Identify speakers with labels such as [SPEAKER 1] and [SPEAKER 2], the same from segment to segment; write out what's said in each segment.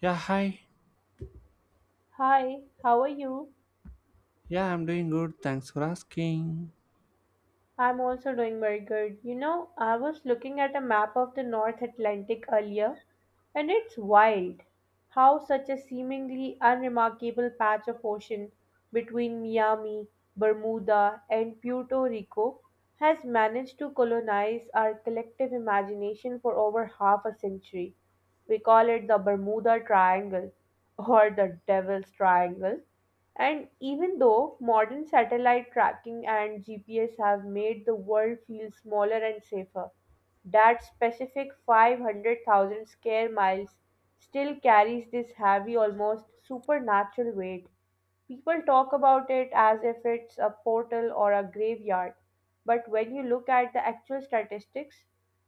[SPEAKER 1] Yeah, hi.
[SPEAKER 2] Hi, how are you?
[SPEAKER 1] Yeah, I'm doing good. Thanks for asking.
[SPEAKER 2] I'm also doing very good. You know, I was looking at a map of the North Atlantic earlier, and it's wild how such a seemingly unremarkable patch of ocean between Miami, Bermuda, and Puerto Rico has managed to colonize our collective imagination for over half a century. We call it the Bermuda Triangle or the Devil's Triangle. And even though modern satellite tracking and GPS have made the world feel smaller and safer, that specific 500,000 square miles still carries this heavy, almost supernatural weight. People talk about it as if it's a portal or a graveyard, but when you look at the actual statistics,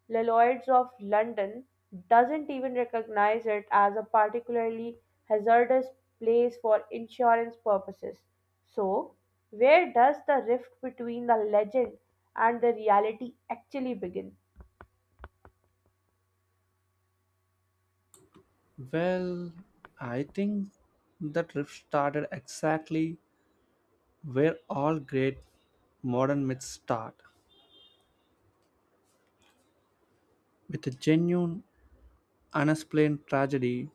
[SPEAKER 2] Lloyds of London doesn't even recognize it as a particularly hazardous place for insurance purposes. So, where does the rift between the legend and the reality actually begin?
[SPEAKER 1] Well, I think the trip started exactly where all great modern myths start with a genuine, unexplained tragedy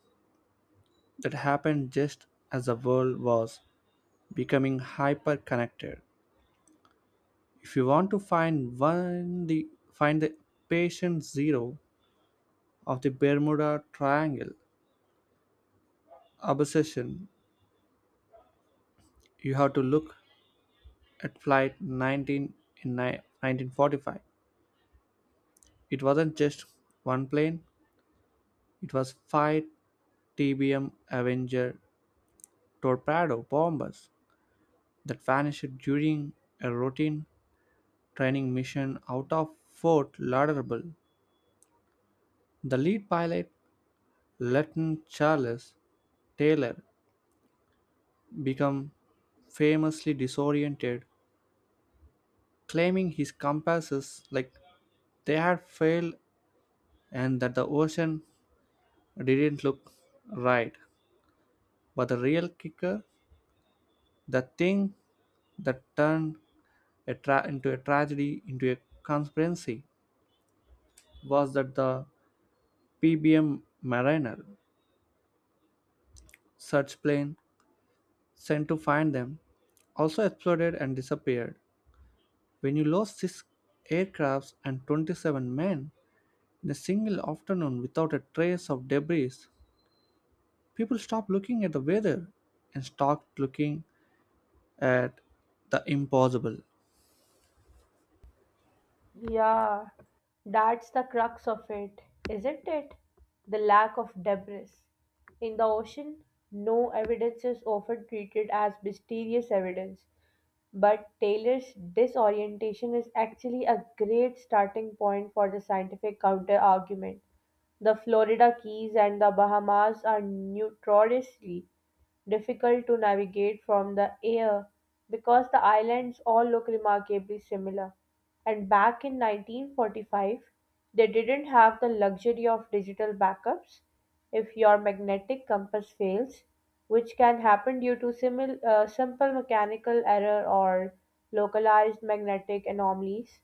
[SPEAKER 1] that happened just as the world was becoming hyper connected. If you want to find one, the find the patient zero of the Bermuda Triangle obsession, you have to look at Flight 19 in 1945. It wasn't just one plane, it was five TBM Avenger torpedo bombers that vanished during a routine training mission out of Fort Lauderdale. The lead pilot, Lieutenant Charles Taylor, became famously disoriented, claiming his compasses, like, they had failed and that the ocean didn't look right. But the real kicker, the thing that turned a tragedy into a conspiracy, was that the PBM Mariner search plane sent to find them also exploded and disappeared. When you lose six aircrafts and 27 men in a single afternoon without a trace of debris, people stop looking at the weather and start looking at the impossible.
[SPEAKER 2] Yeah, that's the crux of it, isn't it? The lack of debris. In the ocean, no evidence is often treated as mysterious evidence, but Taylor's disorientation is actually a great starting point for the scientific counter argument. The Florida Keys and the Bahamas are notoriously difficult to navigate from the air because the islands all look remarkably similar. And back in 1945, they didn't have the luxury of digital backups if your magnetic compass fails, which can happen due to simple mechanical error or localized magnetic anomalies.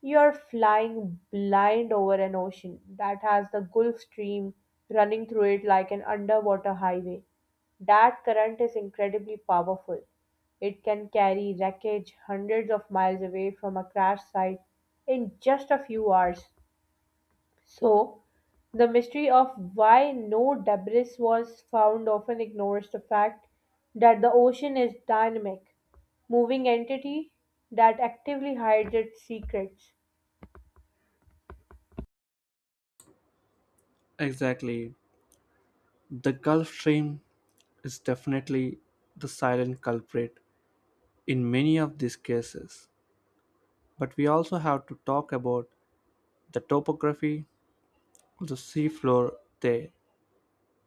[SPEAKER 2] You're flying blind over an ocean that has the Gulf Stream running through it like an underwater highway. That current is incredibly powerful. It can carry wreckage hundreds of miles away from a crash site in just a few hours. So, the mystery of why no debris was found often ignores the fact that the ocean is dynamic, moving entity that actively hides its secrets.
[SPEAKER 1] Exactly. The Gulf Stream is definitely the silent culprit in many of these cases. But we also have to talk about the topography of the seafloor there,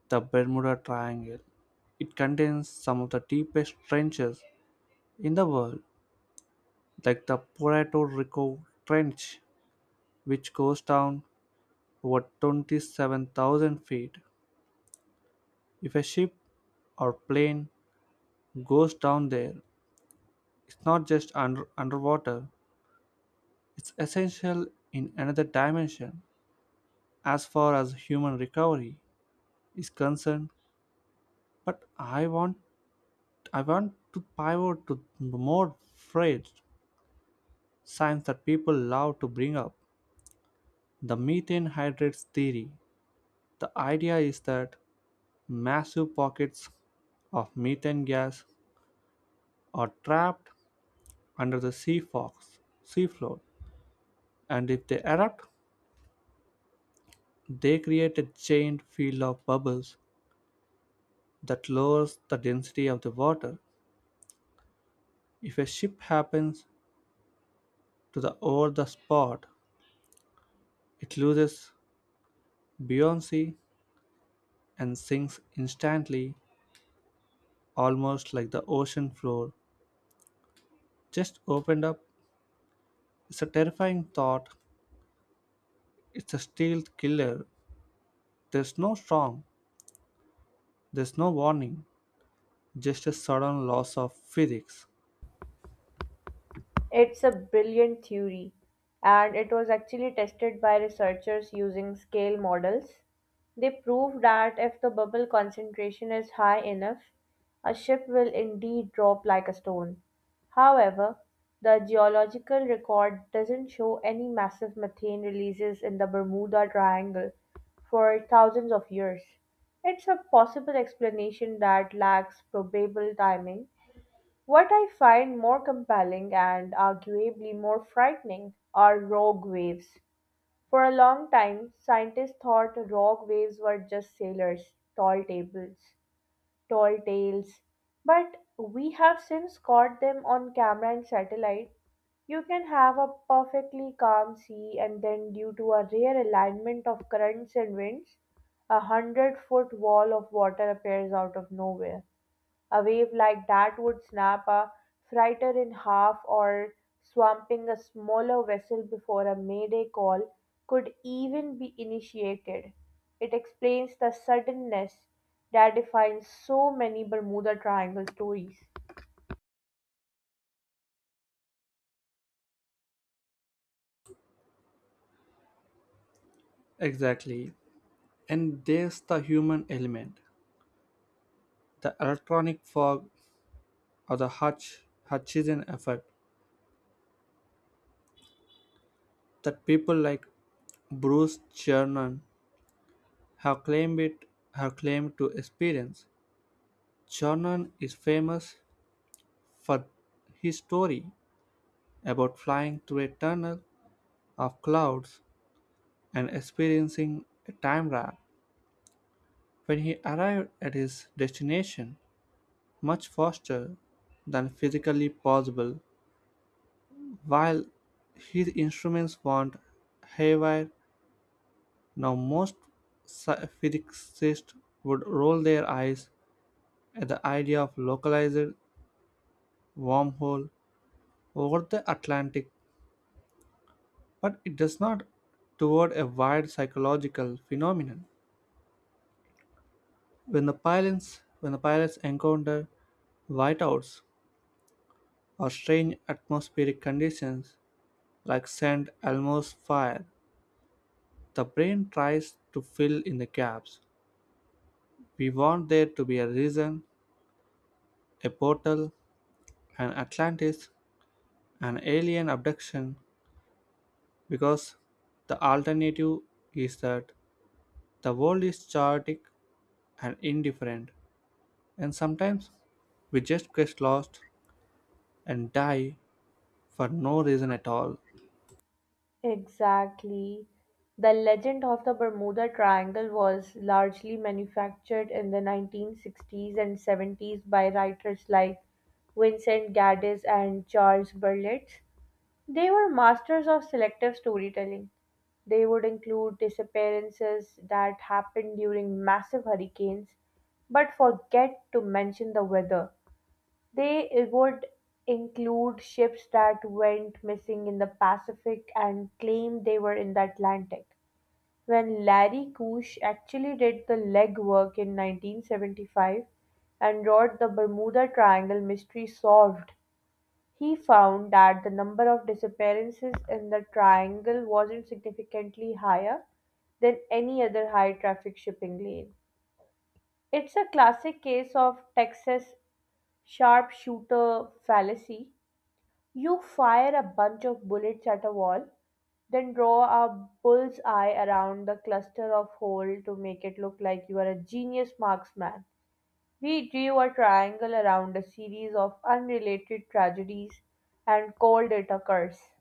[SPEAKER 1] the Bermuda Triangle. It contains some of the deepest trenches in the world, like the Puerto Rico Trench, which goes down over 27,000 feet. If a ship or plane goes down there, it's not just underwater, It's essential in another dimension as far as human recovery is concerned, but I want to pivot to more phrase science that people love to bring up. The methane hydrates theory. The idea is that massive pockets of methane gas are trapped under the sea floor, and if they erupt, they create a giant field of bubbles that lowers the density of the water. If a ship happens to the over the spot, it loses buoyancy and sinks instantly, almost like the ocean floor just opened up. It's a terrifying thought. It's a stealth killer. There's no storm. There's no warning. Just a sudden loss of physics.
[SPEAKER 2] It's a brilliant theory, and it was actually tested by researchers using scale models. They proved that if the bubble concentration is high enough, a ship will indeed drop like a stone. However, the geological record doesn't show any massive methane releases in the Bermuda Triangle for thousands of years. It's a possible explanation that lacks probable timing. What I find more compelling and arguably more frightening are rogue waves. For a long time, scientists thought rogue waves were just sailors, tall tables, tall tales, but we have since caught them on camera and satellite. You can have a perfectly calm sea, and then, due to a rare alignment of currents and winds, a hundred-foot wall of water appears out of nowhere. A wave like that would snap a freighter in half or swamping a smaller vessel before a mayday call could even be initiated. It explains the suddenness that defines so many Bermuda Triangle stories.
[SPEAKER 1] Exactly. And there's the human element, the electronic fog or the Hutchison effect that people like Bruce Chernon. Her claim it her claim to experience. Jordan is famous for his story about flying through a tunnel of clouds and experiencing a time warp when he arrived at his destination much faster than physically possible while his instruments weren't haywire. Now most physicists would roll their eyes at the idea of localized wormhole over the Atlantic, but it does not toward a wide psychological phenomenon. When the pilots encounter whiteouts or strange atmospheric conditions like St. Elmo's fire, the brain tries to fill in the gaps. We want there to be a reason, a portal, an Atlantis, an alien abduction, because the alternative is that the world is chaotic and indifferent. And sometimes we just get lost and die for no reason at all.
[SPEAKER 2] Exactly. The legend of the Bermuda Triangle was largely manufactured in the 1960s and 70s by writers like Vincent Gaddis and Charles Berlitz. They were masters of selective storytelling. They would include disappearances that happened during massive hurricanes but forget to mention the weather. They would include ships that went missing in the Pacific and claimed they were in the Atlantic. When Larry Keusch actually did the legwork in 1975 and wrote the Bermuda Triangle mystery solved, he found that the number of disappearances in the triangle wasn't significantly higher than any other high traffic shipping lane. It's a classic case of Texas sharpshooter fallacy. You fire a bunch of bullets at a wall, then draw a bull's eye around the cluster of holes to make it look like you are a genius marksman. We drew a triangle around a series of unrelated tragedies and called it a curse.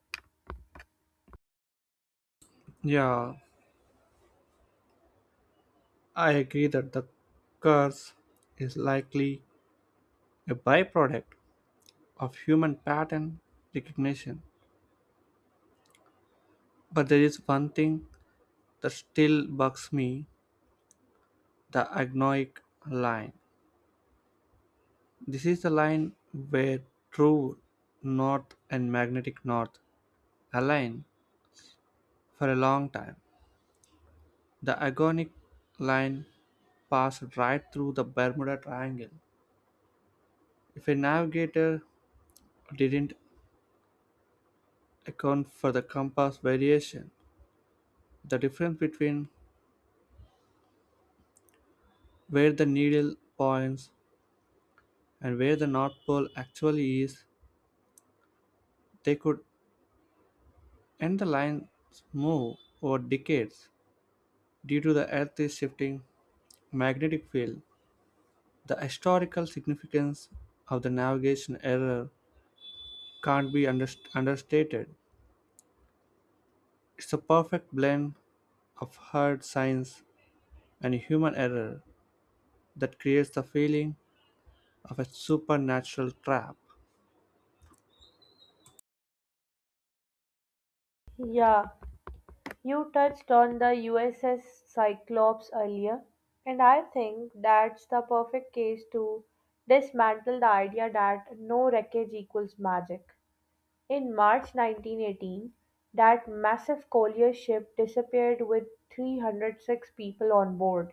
[SPEAKER 1] Yeah, I agree that the curse is likely a byproduct of human pattern recognition. But there is one thing that still bugs me, the agnoic line. This is the line where true north and magnetic north align for a long time. The agonic line pass right through the Bermuda Triangle. If a navigator didn't account for the compass variation, the difference between where the needle points and where the North Pole actually is, they could end the line's move over decades due to the Earth's shifting magnetic field. The historical significance of the navigation error can't be understated. It's a perfect blend of hard science and human error that creates the feeling of a supernatural trap.
[SPEAKER 2] Yeah, you touched on the USS Cyclops earlier, and I think that's the perfect case to dismantle the idea that no wreckage equals magic. In March 1918, that massive collier ship disappeared with 306 people on board.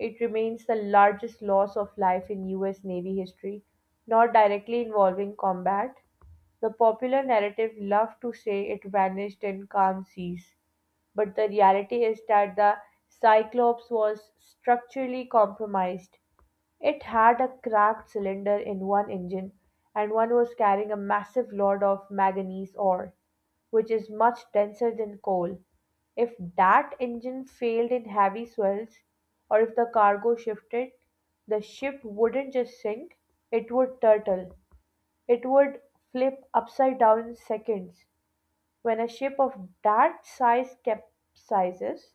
[SPEAKER 2] It remains the largest loss of life in US Navy history, not directly involving combat. The popular narrative love to say it vanished in calm seas, but the reality is that the Cyclops was structurally compromised. It had a cracked cylinder in one engine, and one was carrying a massive load of manganese ore, which is much denser than coal. If that engine failed in heavy swells, or if the cargo shifted, the ship wouldn't just sink, it would turtle. It would flip upside down in seconds. When a ship of that size capsizes,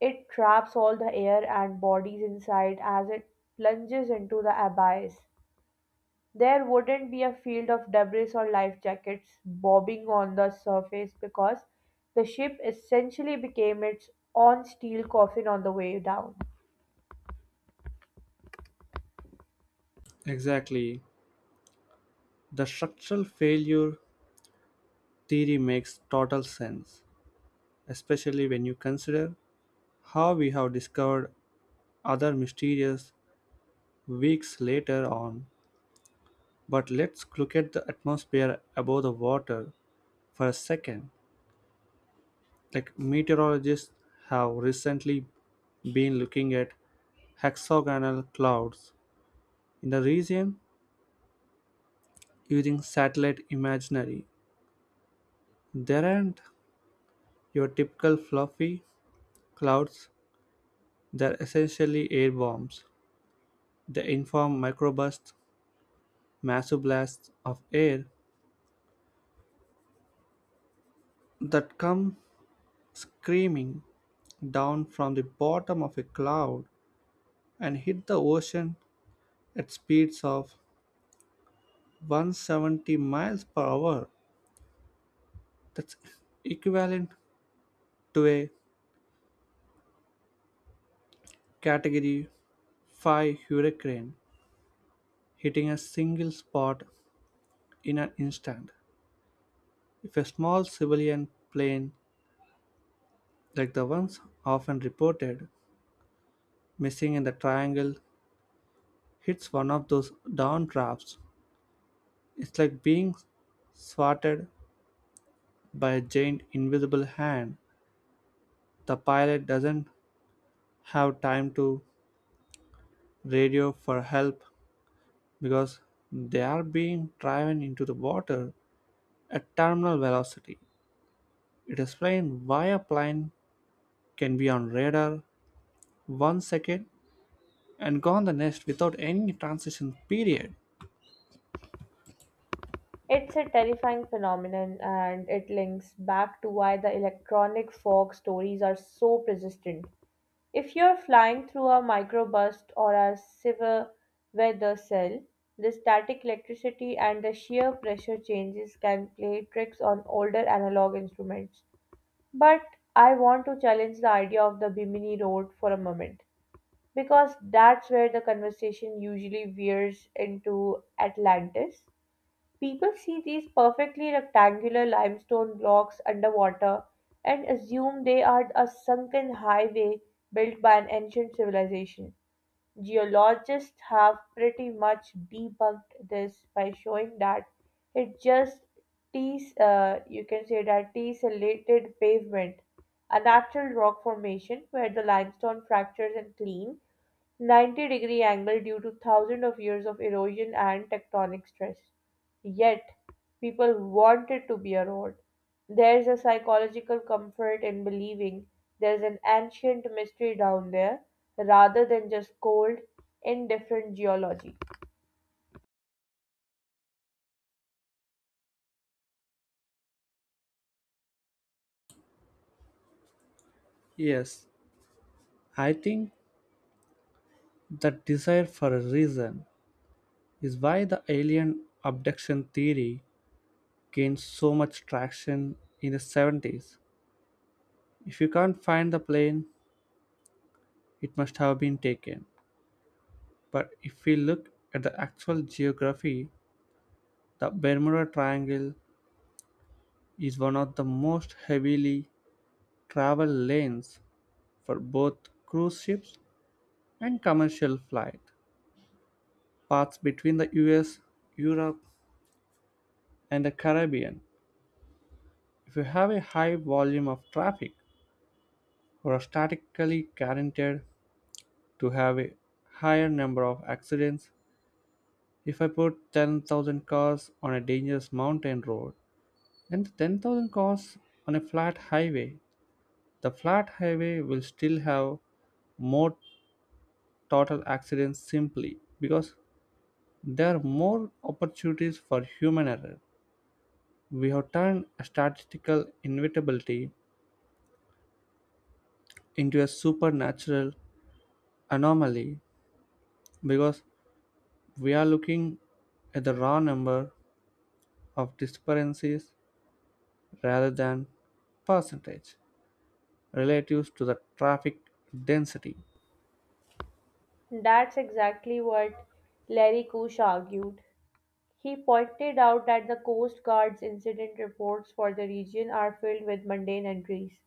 [SPEAKER 2] it traps all the air and bodies inside as it plunges into the abyss. There wouldn't be a field of debris or life jackets bobbing on the surface because the ship essentially became its own steel coffin on the way down.
[SPEAKER 1] Exactly. The structural failure theory makes total sense, especially when you consider how we have discovered other mysterious weeks later on. But let's look at the atmosphere above the water for a second. Like, meteorologists have recently been looking at hexagonal clouds in the region using satellite imagery. There aren't your typical fluffy clouds, they're essentially air bombs. They inform microbursts, massive blasts of air that come screaming down from the bottom of a cloud and hit the ocean at speeds of 170 miles per hour. That's equivalent to a category 5 hurricane hitting a single spot in an instant. If a small civilian plane, like the ones often reported missing in the triangle, hits one of those downdrafts. It's like being swatted by a giant invisible hand. The pilot doesn't have time to radio for help because they are being driven into the water at terminal velocity. It explains why a plane can be on radar 1 second and gone the next without any transition period.
[SPEAKER 2] It's a terrifying phenomenon, and it links back to why the electronic fog stories are so persistent. If you're flying through a microburst or a severe weather cell, the static electricity and the shear pressure changes can play tricks on older analog instruments. But I want to challenge the idea of the Bimini Road for a moment, because that's where the conversation usually veers into Atlantis. People see these perfectly rectangular limestone blocks underwater and assume they are a sunken highway built by an ancient civilization. Geologists have pretty much debunked this by showing that it just you can say that tessellated pavement, a natural rock formation where the limestone fractures and clean 90-degree angle due to thousands of years of erosion and tectonic stress. Yet, people want it to be a road. There's a psychological comfort in believing there's an ancient mystery down there rather than just cold, indifferent geology.
[SPEAKER 1] Yes, I think that desire for a reason is why the alien abduction theory gained so much traction in the '70s. If you can't find the plane, it must have been taken. But if we look at the actual geography, the Bermuda Triangle is one of the most heavily traveled lanes for both cruise ships and commercial flight. Paths between the US, Europe, and the Caribbean. If you have a high volume of traffic, who are statistically guaranteed to have a higher number of accidents. If I put 10,000 cars on a dangerous mountain road and 10,000 cars on a flat highway, the flat highway will still have more total accidents simply because there are more opportunities for human error. We have turned a statistical inevitability into a supernatural anomaly because we are looking at the raw number of discrepancies rather than percentage relative to the traffic density.
[SPEAKER 2] That's exactly what Larry Kush argued. He pointed out that the Coast Guard's incident reports for the region are filled with mundane entries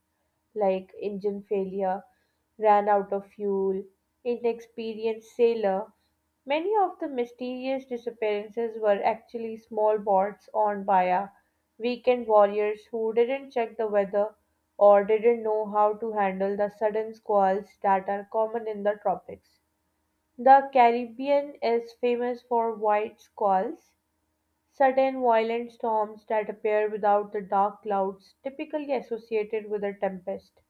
[SPEAKER 2] like engine failure, ran out of fuel, inexperienced sailor. Many of the mysterious disappearances were actually small boats owned by a weekend warriors who didn't check the weather or didn't know how to handle the sudden squalls that are common in the tropics. The Caribbean is famous for white squalls, sudden, violent storms that appear without the dark clouds typically associated with a tempest.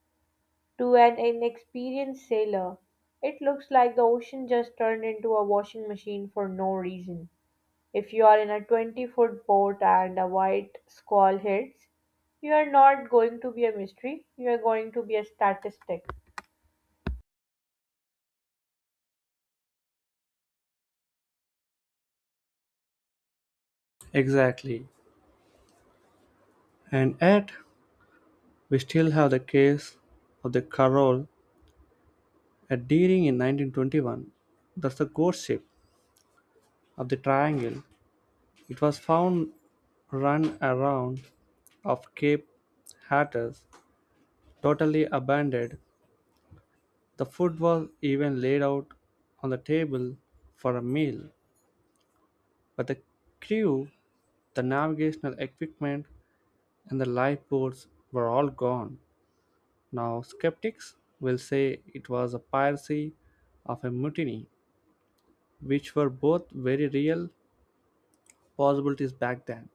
[SPEAKER 2] To an inexperienced sailor, it looks like the ocean just turned into a washing machine for no reason. If you are in a 20-foot boat and a white squall hits, you are not going to be a mystery, you are going to be a statistic.
[SPEAKER 1] Exactly. And yet, we still have the case of the Carol at Deering in 1921. That's the ghost ship of the triangle. It was found run around of Cape Hatteras, totally abandoned. The food was even laid out on the table for a meal. But the crew, the navigational equipment, and the lifeboats were all gone. Now, skeptics will say it was a piracy of a mutiny, which were both very real possibilities back then.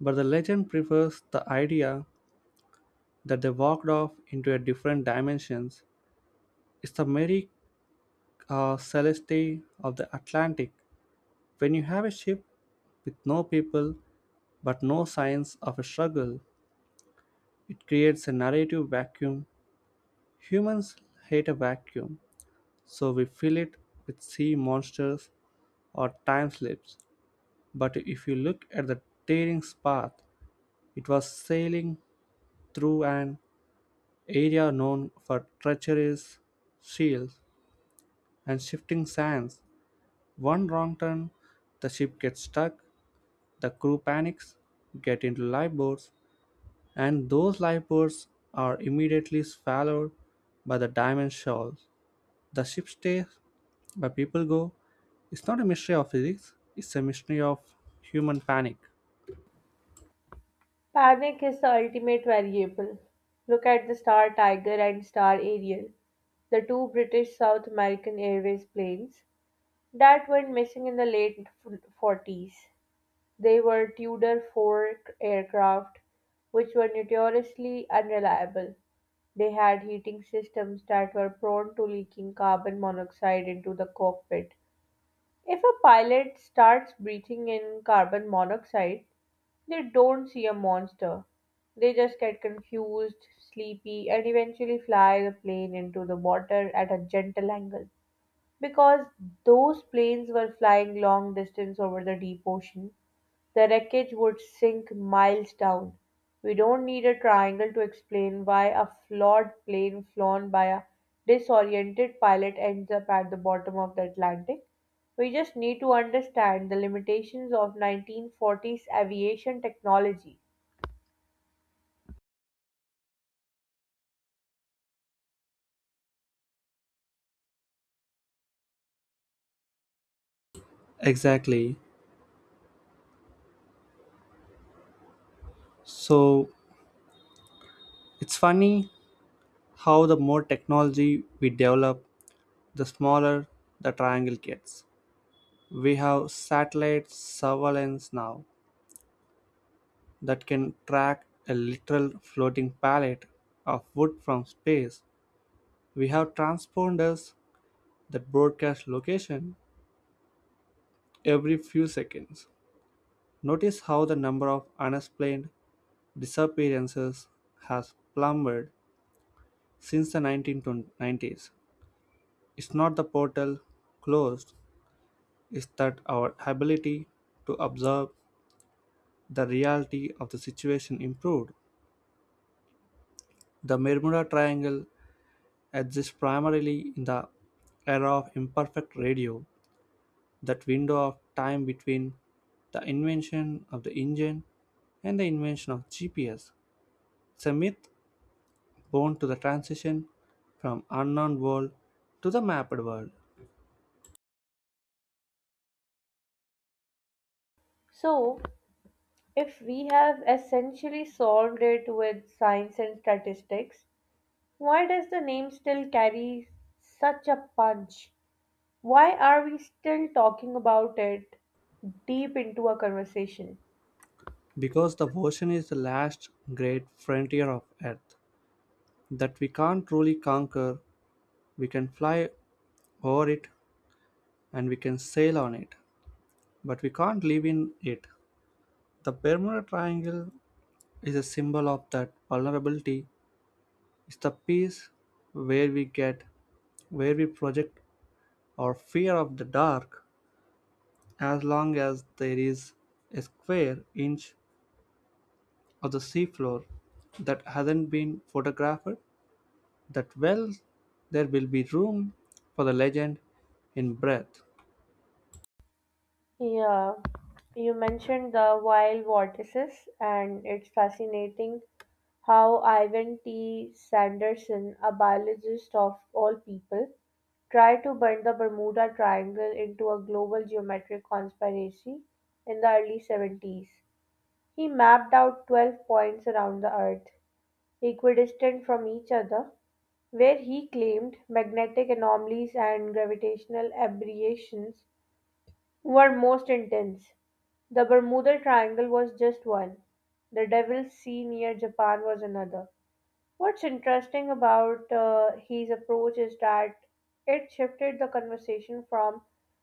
[SPEAKER 1] But the legend prefers the idea that they walked off into a different dimensions. It's the Mary, Celeste of the Atlantic. When you have a ship with no people but no signs of a struggle, it creates a narrative vacuum. Humans hate a vacuum, so we fill it with sea monsters or time slips. But if you look at the tearing's path, it was sailing through an area known for treacherous shields and shifting sands. One wrong turn, the ship gets stuck, the crew panics, get into lifeboats, and those lifeboats are immediately swallowed by the diamond shoals. The ship stays, but people go. It's not a mystery of physics, it's a mystery of human panic.
[SPEAKER 2] Panic is the ultimate variable. Look at the Star Tiger and Star Ariel, the two British South American Airways planes that went missing in the late 40s. They were Tudor four aircraft, which were notoriously unreliable. They had heating systems that were prone to leaking carbon monoxide into the cockpit. If a pilot starts breathing in carbon monoxide, they don't see a monster. They just get confused, sleepy, and eventually fly the plane into the water at a gentle angle. Because those planes were flying long distance over the deep ocean, the wreckage would sink miles down. We don't need a triangle to explain why a flawed plane flown by a disoriented pilot ends up at the bottom of the Atlantic. We just need to understand the limitations of 1940s aviation technology.
[SPEAKER 1] Exactly. So it's funny how the more technology we develop, the smaller the triangle gets. We have satellite surveillance now that can track a literal floating pallet of wood from space. We have transponders that broadcast location every few seconds. Notice how the number of unexplained disappearances has plummeted since the 1990s. It's not the portal closed, it's that our ability to observe the reality of the situation improved. The Bermuda Triangle exists primarily in the era of imperfect radio, that window of time between the invention of the engine and the invention of GPS. It's a myth prone to the transition from unknown world to the mapped world,
[SPEAKER 2] So, if we have essentially solved it with science and statistics, why does the name still carry such a punch? Why are we still talking about it deep into a conversation?
[SPEAKER 1] because the ocean is the last great frontier of earth that we can't truly conquer. We can fly over it and we can sail on it, but we can't live in it. The Bermuda Triangle is a symbol of that vulnerability. It's the piece where we get where we project our fear of the dark. As long as there is a square inch of the seafloor that hasn't been photographed that well, there will be room for the legend in breath.
[SPEAKER 2] Yeah, you mentioned the wild vortices, and it's fascinating how Ivan T. Sanderson, a biologist of all people, tried to bend the Bermuda Triangle into a global geometric conspiracy in the early 70s. He mapped out 12 points around the Earth equidistant from each other, where he claimed magnetic anomalies and gravitational aberrations were most intense. The Bermuda Triangle was just one. The Devil's Sea near Japan was another. What's interesting about his approach is that it shifted the conversation from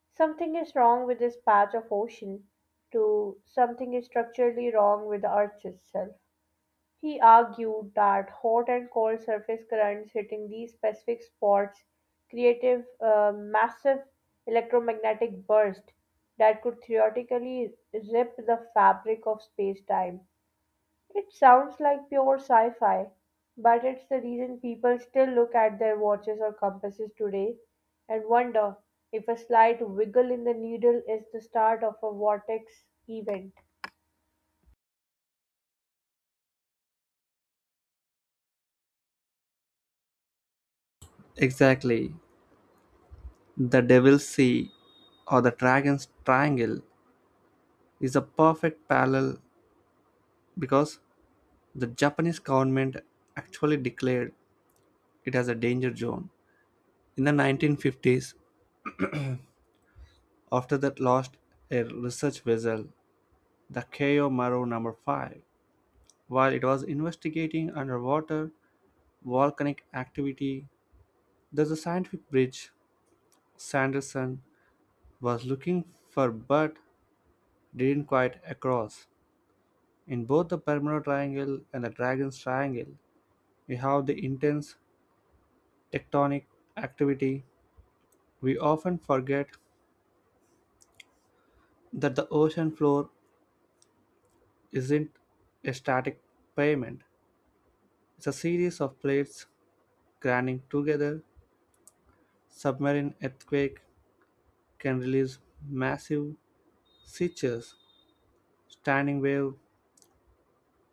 [SPEAKER 2] something is wrong with this patch of ocean to something is structurally wrong with the earth itself. He argued that hot and cold surface currents hitting these specific spots created a massive electromagnetic burst that could theoretically rip the fabric of space-time. It sounds like pure sci-fi, but it's the reason people still look at their watches or compasses today and wonder if a slight wiggle in the needle is the start of a vortex event.
[SPEAKER 1] Exactly. The Devil's Sea or the Dragon's Triangle is a perfect parallel because the Japanese government actually declared it as a danger zone in the 1950s after that lost a research vessel, the Keio Maru number 5, while it was investigating underwater volcanic activity. There's a scientific bridge Sanderson was looking for but didn't quite across. In both the Bermuda Triangle and the Dragon's Triangle, we have the intense tectonic activity. We often forget that the ocean floor isn't a static pavement. It's a series of plates grinding together. Submarine earthquake can release massive seiches, standing wave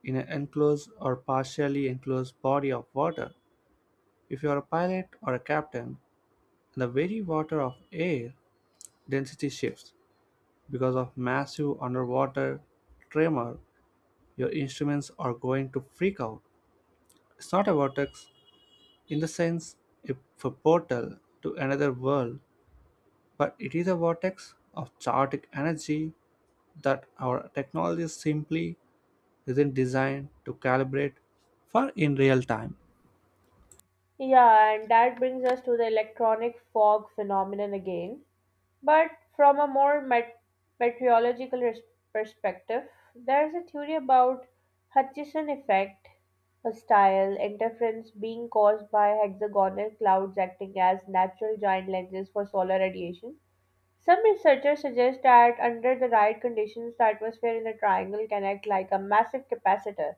[SPEAKER 1] in an enclosed or partially enclosed body of water. If you are a pilot or a captain, and the very water of air density shifts because of massive underwater tremor, your instruments are going to freak out. It's not a vortex in the sense of a portal to another world, but it is a vortex of chaotic energy that our technology simply isn't designed to calibrate for in real time.
[SPEAKER 2] Yeah, and that brings us to the electronic fog phenomenon again. But from a more meteorological perspective, there's a theory about Hutchison effect, a style interference being caused by hexagonal clouds acting as natural giant lenses for solar radiation. Some researchers suggest that under the right conditions, the atmosphere in the triangle can act like a massive capacitor,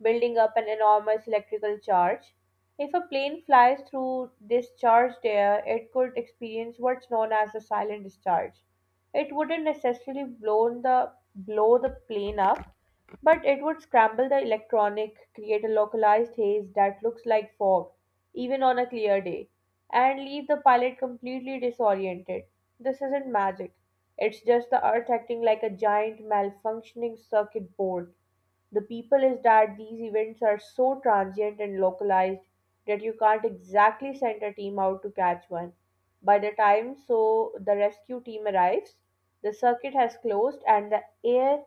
[SPEAKER 2] building up an enormous electrical charge. If a plane flies through this charged air, it could experience what's known as a silent discharge. It wouldn't necessarily blow the plane up, but it would scramble the electronic, create a localized haze that looks like fog, even on a clear day, and leave the pilot completely disoriented. This isn't magic. It's just the earth acting like a giant malfunctioning circuit board. The people is that these events are so transient and localized that you can't exactly send a team out to catch one. By the time the rescue team arrives, the circuit has closed and the air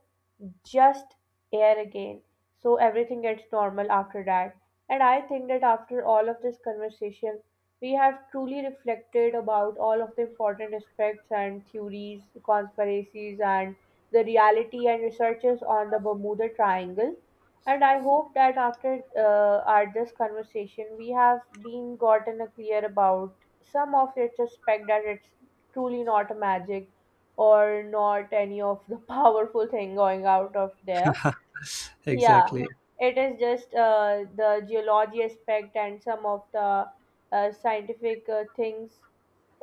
[SPEAKER 2] just air again. So everything gets normal after that. And I think that after all of this conversation, we have truly reflected about all of the important aspects and theories, conspiracies, and the reality and researches on the Bermuda Triangle. And I hope that after our this conversation, we have been gotten a clear about some of its aspect that it's truly not a magic or not any of the powerful thing going out of there. Yeah,
[SPEAKER 1] Exactly.
[SPEAKER 2] it is just the geology aspect and some of the scientific things.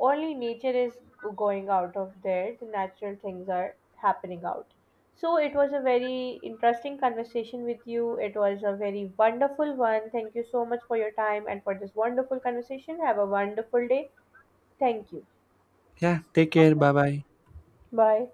[SPEAKER 2] Only nature is going out of there. The natural things are happening out. So it was a very interesting conversation with you. It was a very wonderful one. Thank you so much for your time and for this wonderful conversation. Have a wonderful day. Thank you.
[SPEAKER 1] Yeah, take care. Bye bye.
[SPEAKER 2] Bye.